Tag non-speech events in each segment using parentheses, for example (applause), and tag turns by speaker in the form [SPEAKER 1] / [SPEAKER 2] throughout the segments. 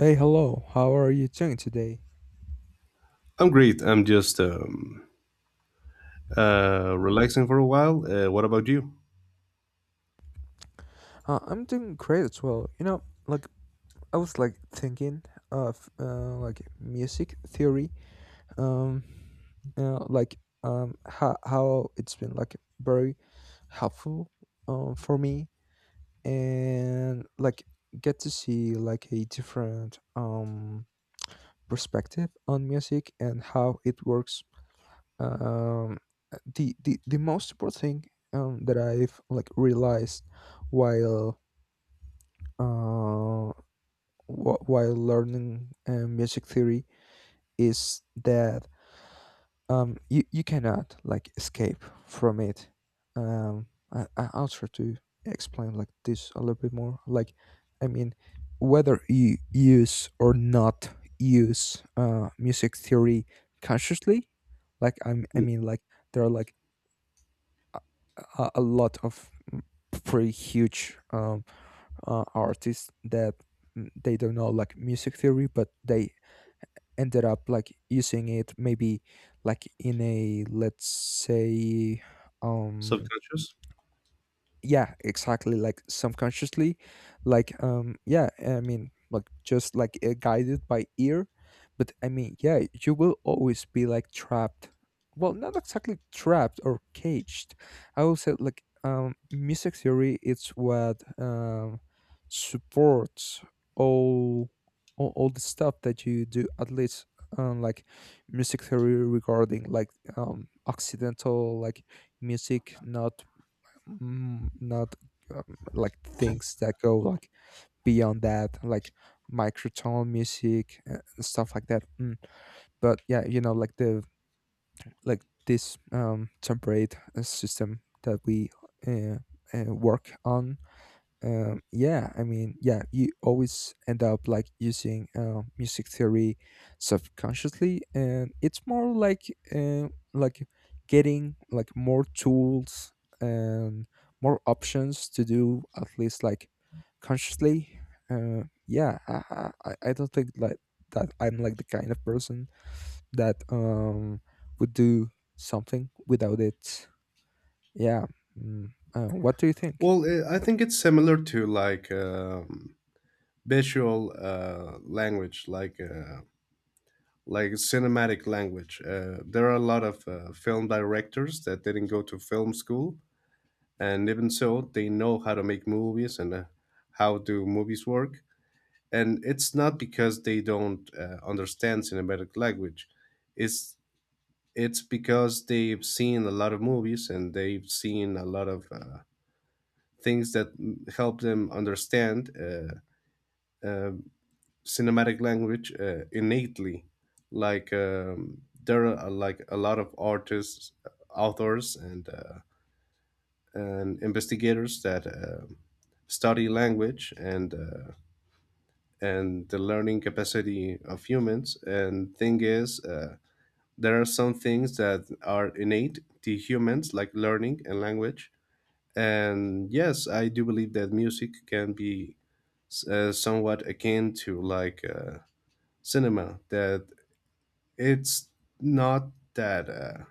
[SPEAKER 1] Hey, hello. How are you doing today?
[SPEAKER 2] I'm great. I'm just relaxing for a while. What about you?
[SPEAKER 1] I'm doing great as well. I was like thinking of like music theory. Um, how it's been like very helpful for me and like get to see like a different perspective on music and how it works. Um, the, the the most important thing that I've like realized while uh, while learning music theory is that you cannot like escape from it. Um, I'll try to explain like this a little bit more. Like, I mean, whether you use or not use music theory consciously, like I
[SPEAKER 2] Mm.
[SPEAKER 1] mean, like there are like a lot of pretty huge artists that they don't know like music theory, but they ended up like using it maybe like in a let's say um.
[SPEAKER 2] Subconscious?
[SPEAKER 1] Yeah, exactly, like subconsciously. Like um, yeah, I mean, like just like guided by ear. But I mean, yeah, you will always be like trapped. Well, not exactly trapped or caged. I will say like music theory it's what supports all all the stuff that you do, at least like music theory regarding like occidental like music, not not like things that go like beyond that, like microtone music and stuff like that. Mm. But yeah, you know, like the like this temperate system that we uh, work on. Um, yeah, I mean, yeah, you always end up like using music theory subconsciously, and it's more like getting like more tools and more options to do, at least like consciously. I don't think like that I'm like the kind of person that would do something without it. Yeah. Mm. What do you think?
[SPEAKER 2] Well, I think it's similar to like visual language, like cinematic language. There are a lot of film directors that didn't go to film school, and even so, they know how to make movies and how do movies work. And it's not because they don't understand cinematic language; it's it's because they've seen a lot of movies and they've seen a lot of things that help them understand um cinematic language innately. Like there are like a lot of artists, authors, and investigators that study language and the learning capacity of humans. And thing is. There are some things that are innate to humans, like learning and language. And yes, I do believe that music can be somewhat akin to like cinema, that it's not that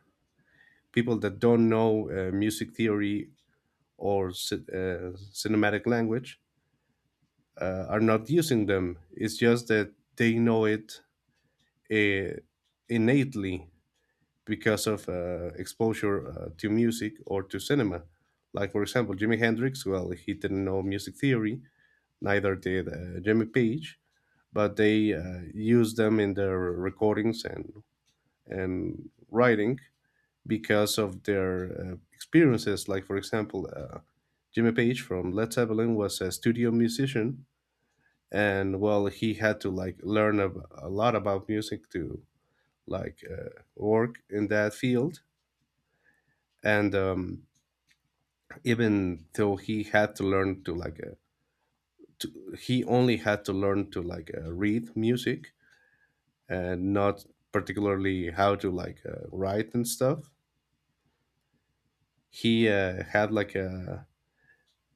[SPEAKER 2] people that don't know music theory or cinematic language are not using them. It's just that they know it uh, innately because of exposure to music or to cinema. Like, for example, Jimi Hendrix, well, he didn't know music theory, neither did Jimmy Page, but they used them in their recordings and writing because of their experiences. Like, for example, Jimmy Page from Led Zeppelin was a studio musician, and well, he had to like learn a lot about music to like work in that field. And even though he had to learn to like he only had to learn to like read music and not particularly how to like write and stuff he had like a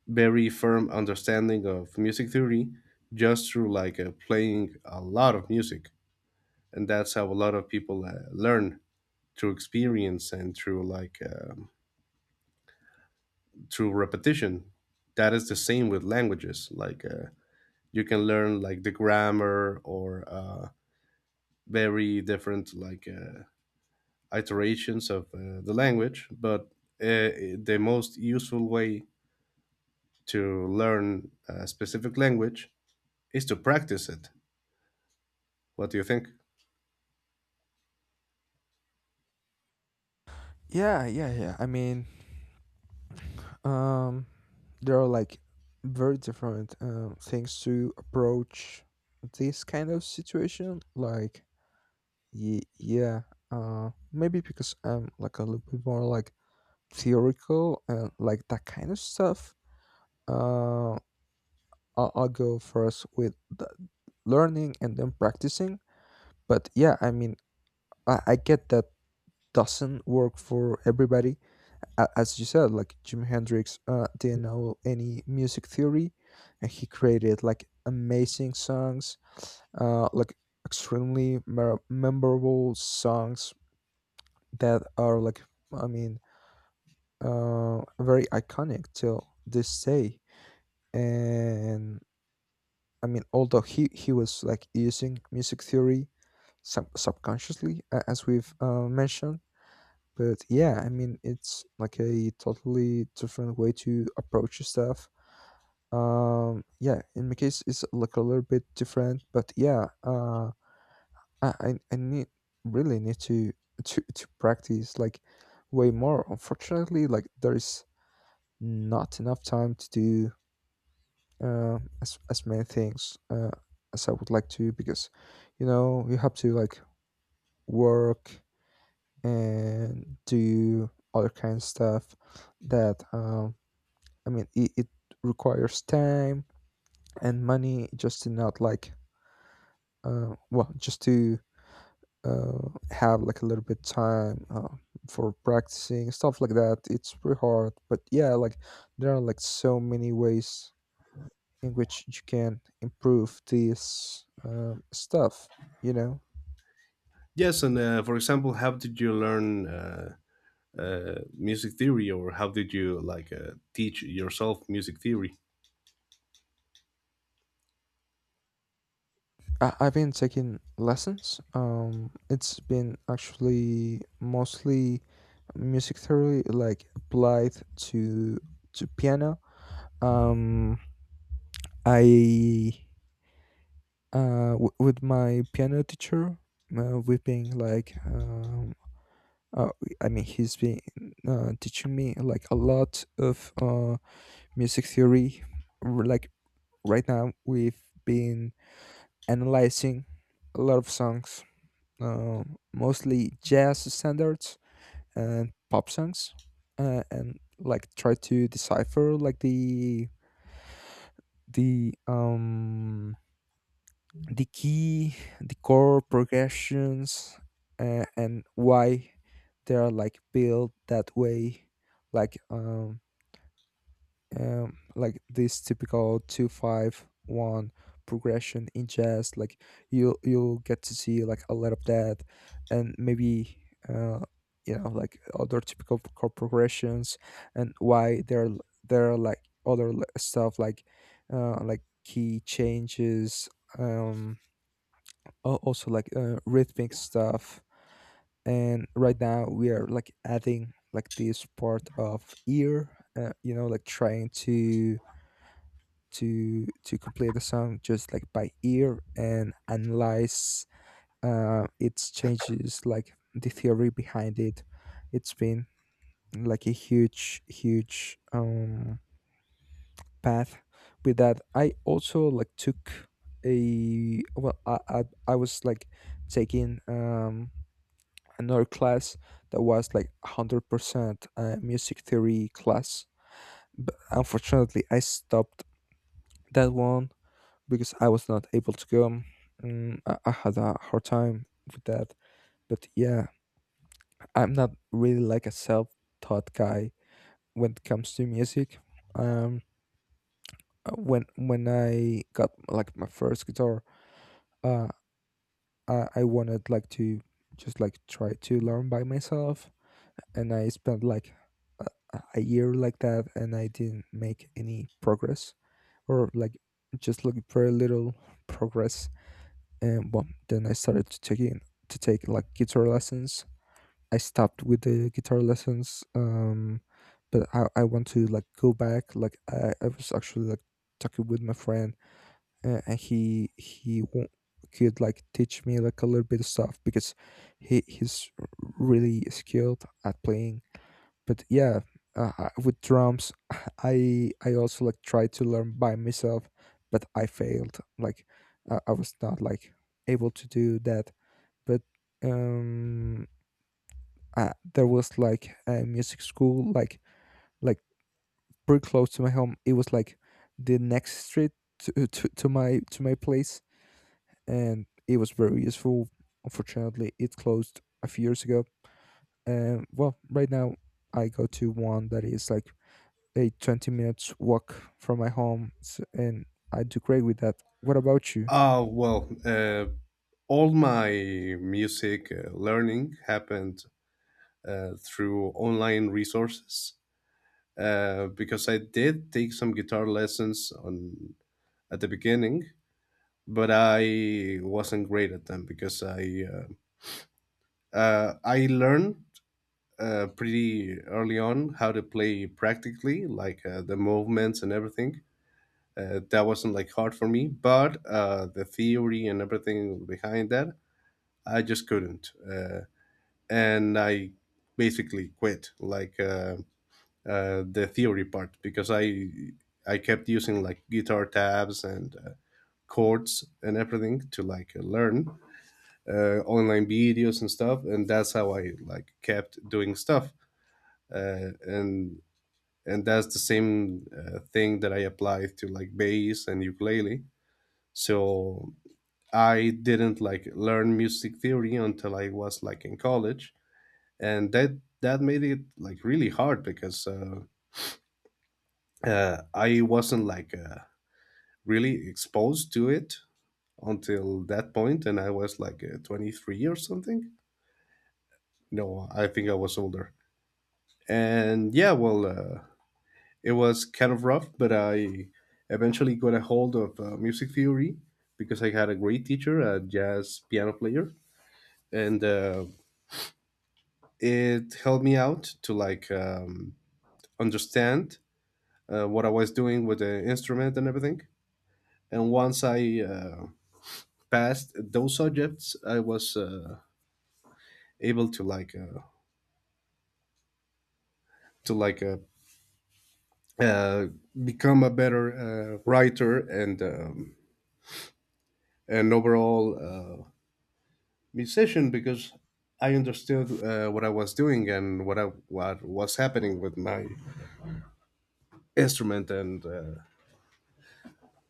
[SPEAKER 2] very firm understanding of music theory just through like playing a lot of music, and that's how a lot of people learn through experience and through repetition. That is the same with languages, like you can learn like the grammar or very different like iterations of the language, but uh, the most useful way to learn a specific language is to practice it. What do you think?
[SPEAKER 1] Yeah, yeah, yeah, I mean, um, there are like very different things to approach this kind of situation. Like, yeah, maybe because I'm like a little bit more like theoretical and like that kind of stuff. Uh, I'll go first with the learning and then practicing. But yeah, I mean, I get that doesn't work for everybody, as you said, like Jimi Hendrix didn't know any music theory, and he created like amazing songs, like extremely memorable songs that are like, I mean, very iconic till this day. And I mean, although he was like using music theory subconsciously, as we've mentioned. But yeah, I mean, it's like a totally different way to approach stuff. Yeah, in my case, it's like a little bit different, but yeah, I need really need to to practice like way more. Unfortunately, like there is not enough time to do as many things as I would like to, because you know you have to like work and do other kind of stuff that um, I mean, it requires time and money just to not like, well, just to have like a little bit time for practicing stuff like that. It's pretty hard, but yeah, like there are like so many ways in which you can improve this stuff. You know,
[SPEAKER 2] Yes, and for example, how did you learn music theory, or how did you like teach yourself music theory?
[SPEAKER 1] I've been taking lessons. It's been actually mostly music theory, like applied to piano um. i with my piano teacher, we've been like uh, I mean he's been teaching me like a lot of music theory. Like, right now we've been analyzing a lot of songs, uh, mostly jazz standards and pop songs, and like try to decipher like the the key, the chord progressions, and why they are like built that way, like um, like this typical 2-5-1 progression in jazz. Like you'll get to see like a lot of that, and maybe uh, you know, like other typical chord progressions and why there are like other stuff like key changes um, also like rhythmic stuff. And right now we are like adding like this part of ear, you know, like trying to to complete the song just like by ear and analyze its changes, like the theory behind it. It's been like a huge, huge path. With that I also like took a, I was like taking another class that was like 100% music theory class. But unfortunately, I stopped that one because I was not able to go. I had a hard time with that. But yeah, I'm not really like a self-taught guy when it comes to music. Um, when I got like my first guitar, uh, I wanted like to just like try to learn by myself, and I spent like a, a year like that, and I didn't make any progress, or like just like very little progress. And well, then I started to take in to take like guitar lessons. I stopped with the guitar lessons, but I want to like go back. Like I was actually like talking with my friend, and could like teach me like a little bit of stuff because he's really skilled at playing. But yeah, I- with drums (sighs) (laughs) I also like tried to learn by myself, but I failed like, I was not like able to do that. But um, there was like a music school like pretty close to my home. It was like the next street to, (laughs) to my place, and it was very useful. Unfortunately, it closed a few years ago. And well, right now I go to one that is like a 20 minutes walk from my home s, and I do great with that. What about you?
[SPEAKER 2] Well, all my music learning happened through online resources, because I did take some guitar lessons on at the beginning, but I wasn't great at them because I learned pretty early on how to play practically, like the movements and everything. That wasn't like hard for me, but the theory and everything behind that, I just couldn't, and I basically quit. Like the theory part, because I kept using like guitar tabs and chords and everything to like learn online videos and stuff, and that's how I like kept doing stuff. Uh, and and that's the same thing that I applied to like bass and ukulele. So I didn't like learn music theory until I was like in college, and that made it like really hard because I wasn't like really exposed to it until that point. And I was like 23 or something. No, I think I was older. And yeah, well, it was kind of rough, but I eventually got a hold of music theory because I had a great teacher, a jazz piano player. And it helped me out to like understand what I was doing with the instrument and everything. And once I passed those subjects, I was able to to like uh, uh, become a better writer and overall musician, because I understood what I was doing and what was happening with my instrument, and uh,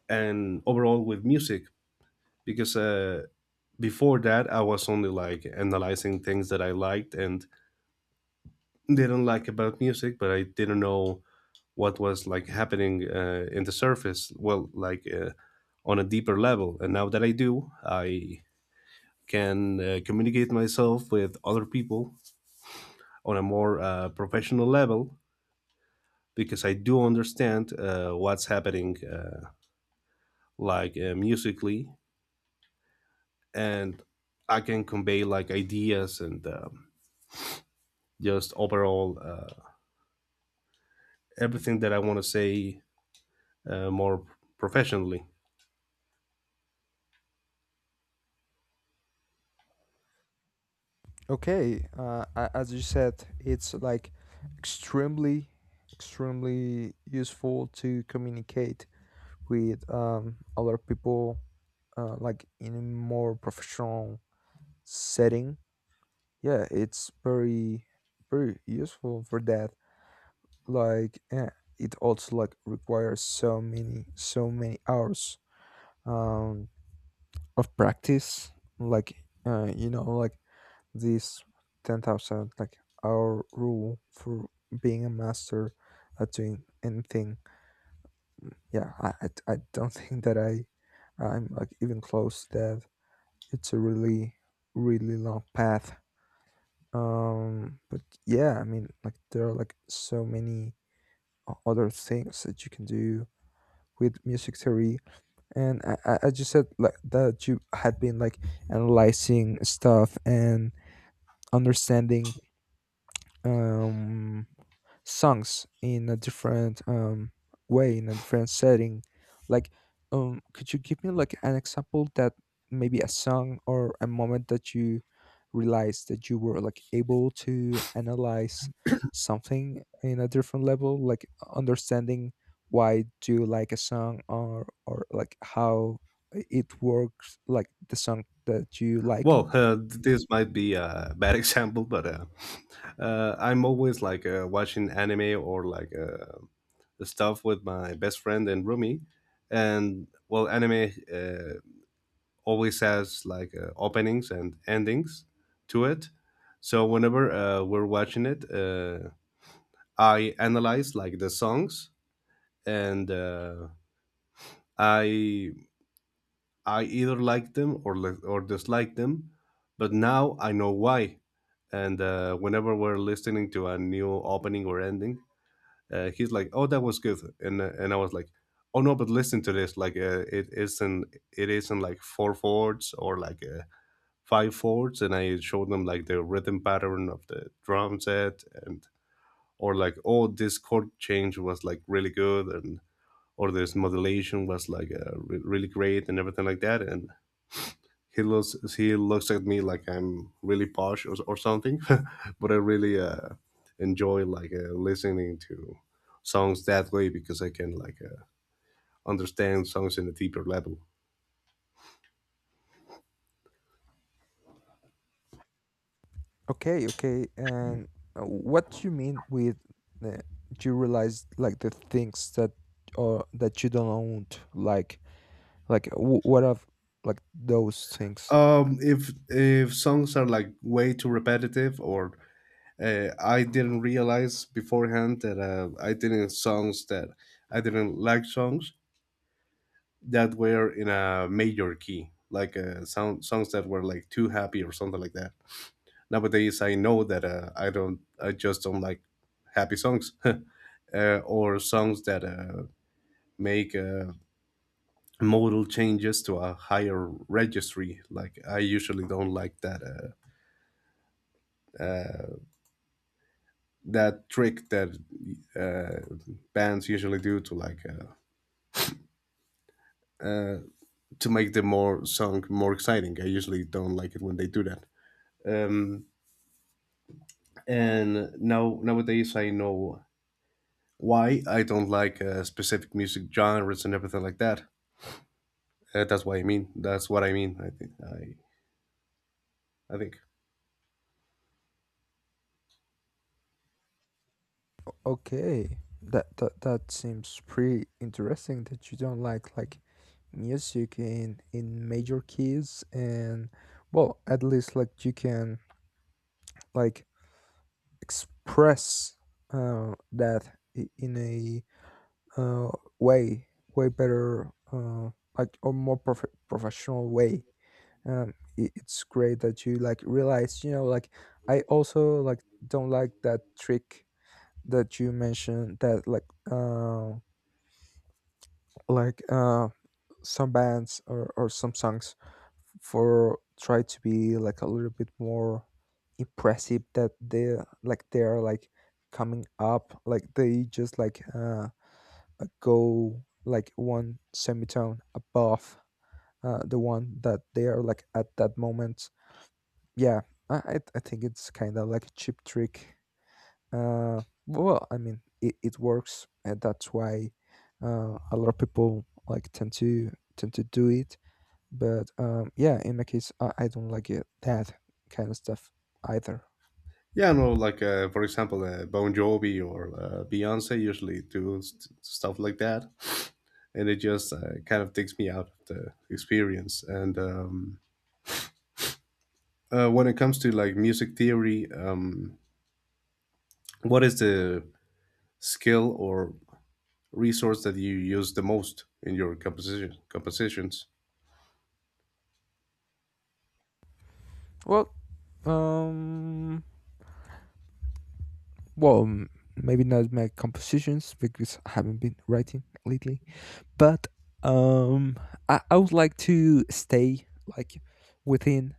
[SPEAKER 2] and overall with music, because before that I was only like analyzing things that I liked and didn't like about music, but I didn't know what was like happening in the surface. Well, like on a deeper level. And now that I do, I can communicate myself with other people on a more professional level, because I do understand what's happening, like musically, and I can convey like ideas and just overall everything that I want to say more professionally.
[SPEAKER 1] Okay, as you said, it's like extremely, extremely useful to communicate with other people, like in a more professional setting. Yeah, it's very, very useful for that. Like, yeah, it also like requires so many, so many hours um of practice. Like you know, like this 10,000 like hour rule for being a master at doing anything. I don't (laughs) think that I'm like even close to that. It's a really, really long path. Um, but yeah, I mean, like there are like so many other things that you can do with music theory. And I just said like that you had been like analyzing stuff and understanding um songs in a different way, in a different setting. Like could you give me like an example that, maybe a song or a moment that you realized that you were like able to analyze something in a different level, like understanding why do you like a song, or like how it works, like the song that you like?
[SPEAKER 2] Well, this might be a bad (laughs) example, but I'm always like watching anime or like stuff with my best friend and roomie. And well, anime always has like openings and endings to it. So whenever we're watching it, I analyze like the songs, and I I either like them or dislike them. But now I know why. And whenever we're listening to a new opening or ending, he's like, "Oh, that was good," and I was like, "Oh no, but listen to this. Like, it isn't like four chords or like five chords." And I showed them like the rhythm pattern of the drum set, and or like, "Oh, this chord change was like really good," and or this modulation was like really great and everything like that. And he looks at me like I'm really posh or something, (laughs) but I really enjoy like listening to songs that way, because I can like understand songs in a deeper level.
[SPEAKER 1] Okay, okay. And what do you mean with uh, you realize like the things that or that you don't own? Like, like w what of like those things?
[SPEAKER 2] If songs are like way too repetitive, or I didn't realize beforehand that I didn't songs that I didn't like songs that were in a major key, like sound songs that were like too happy or something like that. Nowadays I know that I just don't like happy songs (laughs) or songs that make modal changes to a higher registry. Like, I usually don't like uh, that trick that bands usually do to uh, make the more song more exciting. I usually don't like it when they do that. Um, and now nowadays I know why I don't like specific music genres and everything like that. That's what I mean. That's what I mean. I think. I think.
[SPEAKER 1] Okay, that that that seems pretty interesting that you don't like music in major keys. And well, at least like you can like express that in a uh, way, way better like or more professional way. Um, it's great that you like realize, you know, like I also like don't like that trick that you mentioned, that uh, like some bands or some songs for try to be like a little bit more impressive, that they like they are like coming up, like they just like go like one semitone above the one that they are like at that moment. Yeah, I think it's kind of like a cheap trick. Uh, well, I mean it works, and that's why a lot of people like tend to do it. But yeah, in my case, I don't like it that kind of stuff either.
[SPEAKER 2] Yeah, no, like for example, Bon Jovi or Beyonce usually do stuff like that, and it just kind of takes me out of the experience. And when it comes to like music theory, what is the skill or resource that you use the most in your compositions?
[SPEAKER 1] Well, um, well, maybe not my compositions because I haven't been writing lately. But um, I would like to stay like within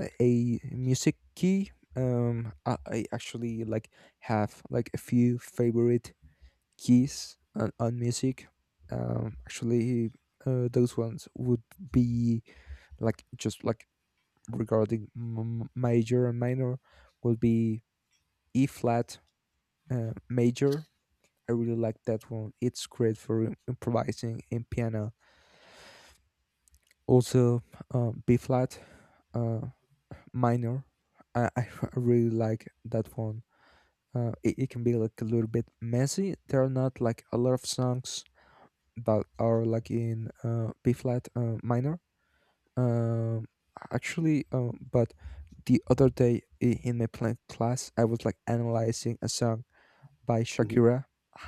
[SPEAKER 1] a music key. I actually like have like a few favorite keys on music. Actually, those ones would be like just like regarding major and minor, would be E flat major. I really like that one. It's great for improvising in piano. Also B flat uh, minor. I (laughs) really like that one. It can be like a little bit messy. There are not like a lot of songs that are like in B flat minor. Um, actually, but the other day in my playing class, I was like analyzing a song by
[SPEAKER 2] Mhm.
[SPEAKER 1] Shakira.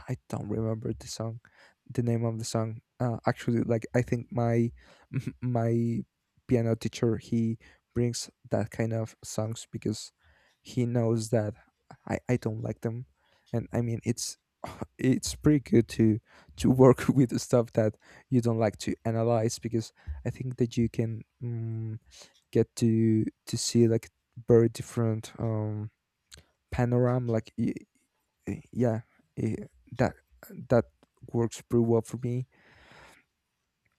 [SPEAKER 1] I don't remember the song, the name of the song. Actually, like I think my (laughs) my piano teacher he brings that kind of songs because he knows that I don't like them, and I mean it's (sighs) (laughs) it's pretty good to work (laughs) with the stuff that you don't like to analyze because I think that you can get to see like very different panorama y- yeah eh, that that works pretty well for me.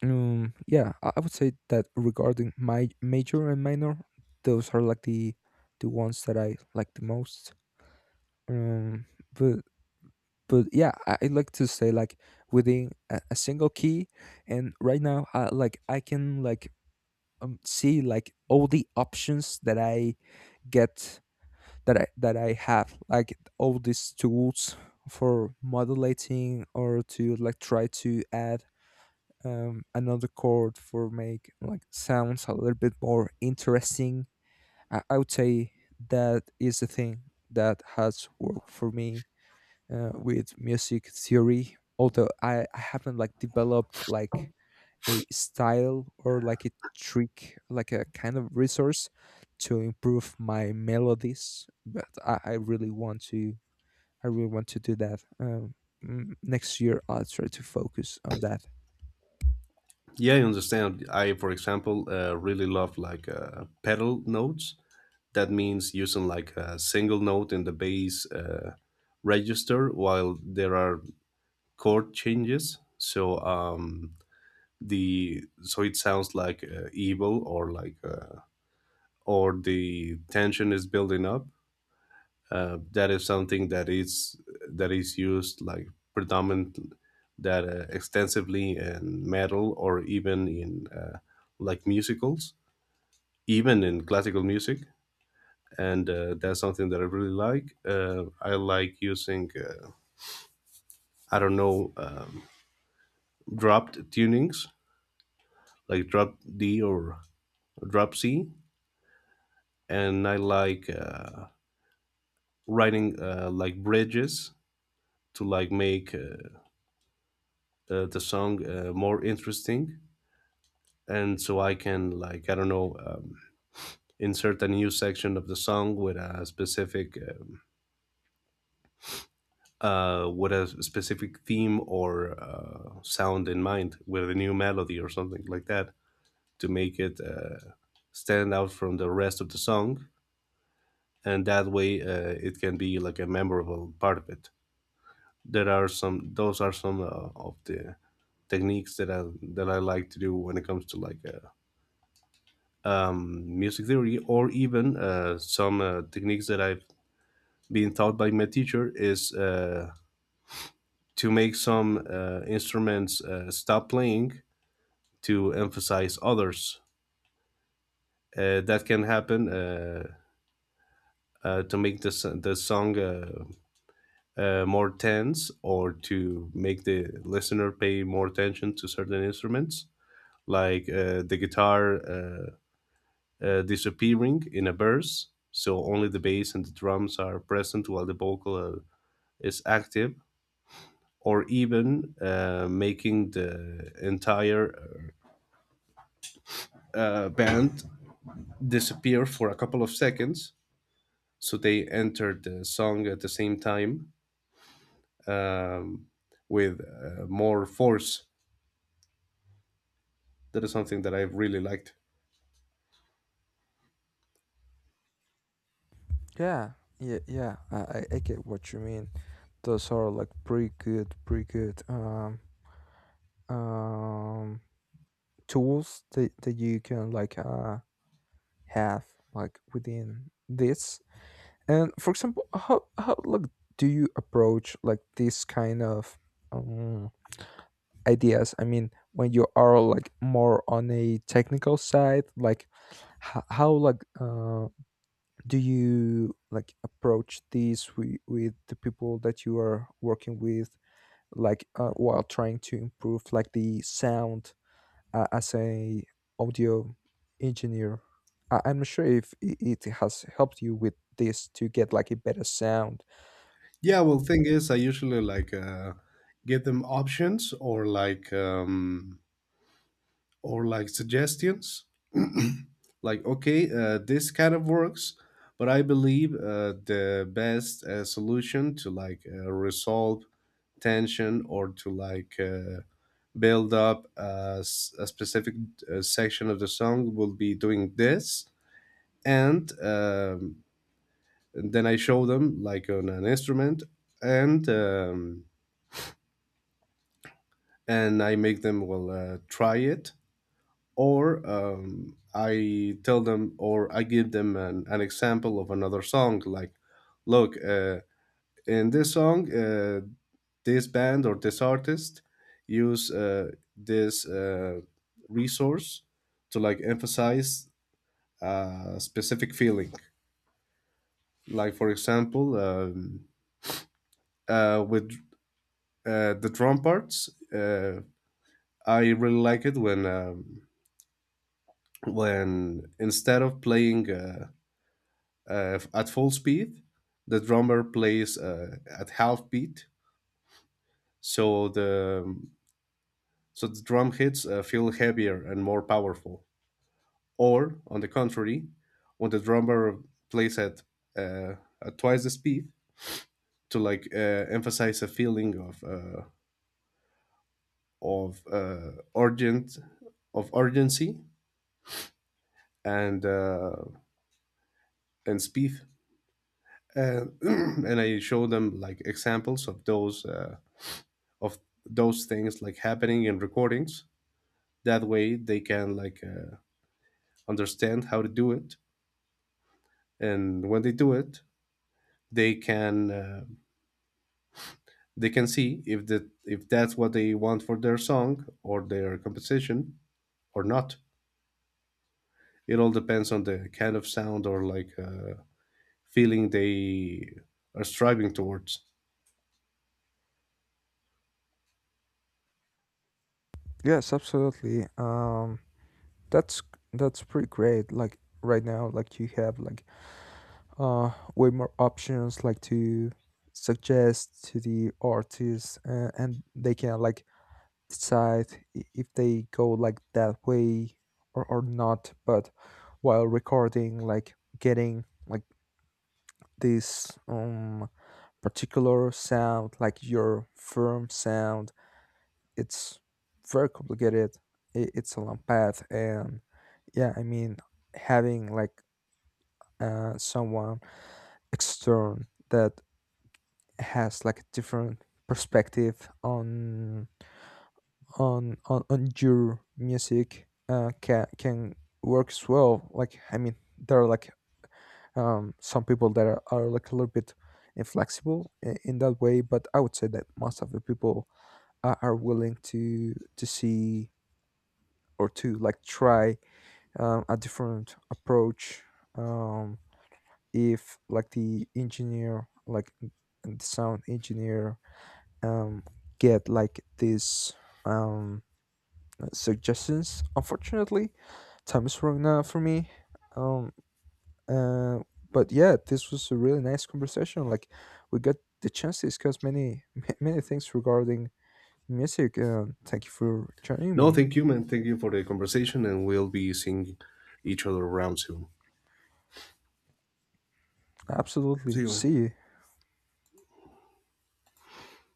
[SPEAKER 1] Yeah I would say that regarding my major and minor, those are like the ones that I like the most. Um but but yeah I like to say like within a single key, and right now I can like see like all the options that I get that I have, like all these tools for modulating or to like try to add another chord for make like sounds a little bit more interesting. I would say that is the thing that has worked for me with music theory. Although I haven't like developed like a style or like a trick, like a kind of resource to improve my melodies. But I really want to do that. Next year, I'll try to focus on that.
[SPEAKER 2] Yeah, I understand. I, for example, really love like pedal notes. That means using like a single note in the bass register while there are chord changes. So the so it sounds like evil, or like or the tension is building up. That is something that is used like predominant, that extensively in metal or even in like musicals, even in classical music. And that's something that I really like. I like using I don't know, dropped tunings like drop D or drop C, and I like writing like bridges to like make the song more interesting, and so I can like I don't know. Insert a new section of the song with a specific theme or sound in mind with a new melody or something like that, to make it stand out from the rest of the song, and that way it can be like a memorable part of it. There are some; those are some of the techniques that I like to do when it comes to like music theory. Or, even some techniques that I've been taught by my teacher is to make some instruments stop playing to emphasize others. That can happen to make the song more tense, or to make the listener pay more attention to certain instruments, like the guitar disappearing in a verse, so only the bass and the drums are present while the vocal is active, or even making the entire band disappear for a couple of seconds, so they enter the song at the same time with more force. That is something that I've really liked.
[SPEAKER 1] Yeah, yeah, yeah. I get what you mean. Those are like pretty good um tools that you can like have like within this. And for example, how like do you approach like this kind of um, ideas? I mean, when you are like more on a technical side, like how like do you like approach this with the people that you are working with, like while trying to improve like the sound as a audio engineer? I'm not sure if it has helped you with this to get like a better sound.
[SPEAKER 2] Yeah, well, thing is, I usually like give them options, or or like suggestions. Like, okay, this kind of works, but I believe the best solution to like resolve tension, or to like build up a specific section of the song, will be doing this, and then I show them like on an instrument and. Um, and I make them well try it, or I tell them, or I give them an example of another song. Like, look, in this song, this band or this artist use this resource to like emphasize a specific feeling. Like, for example, with the drum parts, I really like it when instead of playing at full speed, the drummer plays at half beat, so the drum hits feel heavier and more powerful. Or on the contrary, when the drummer plays uh, at twice the speed to like emphasize a feeling of uh, urgent of urgency and uh, and speed. (clears throat) And I show them like examples of those. Of those things like happening in recordings. That way they can like understand how to do it, and when they do it, they can uh, they can see if that if that's what they want for their song or their composition or not. It all depends on the kind of sound or like feeling they are striving towards.
[SPEAKER 1] Yes, absolutely. That's pretty great. Like right now, like you have like way more options like to suggest to the artists, and they can like decide if they go like that way or not. But while recording, like getting like this particular sound, like your firm sound, it's very complicated. It's a long path, and yeah I mean having like someone external that has like a different perspective on on your music can work as well. Like I mean there are like some people that are like a little bit inflexible in that way, but I would say that most of the people are willing to see or to like try a different approach. um, if like the engineer the sound engineer um, get like these um, suggestions, unfortunately time is running out for me. um, uh, but yeah, this was a really nice conversation. Like, we got the chance to discuss many (laughs) many things regarding music, and thank you for joining
[SPEAKER 2] No,
[SPEAKER 1] me.
[SPEAKER 2] thank you, man. Thank you for the conversation, and we'll be seeing each other around soon. See
[SPEAKER 1] Absolutely,
[SPEAKER 2] you, man.
[SPEAKER 1] see you.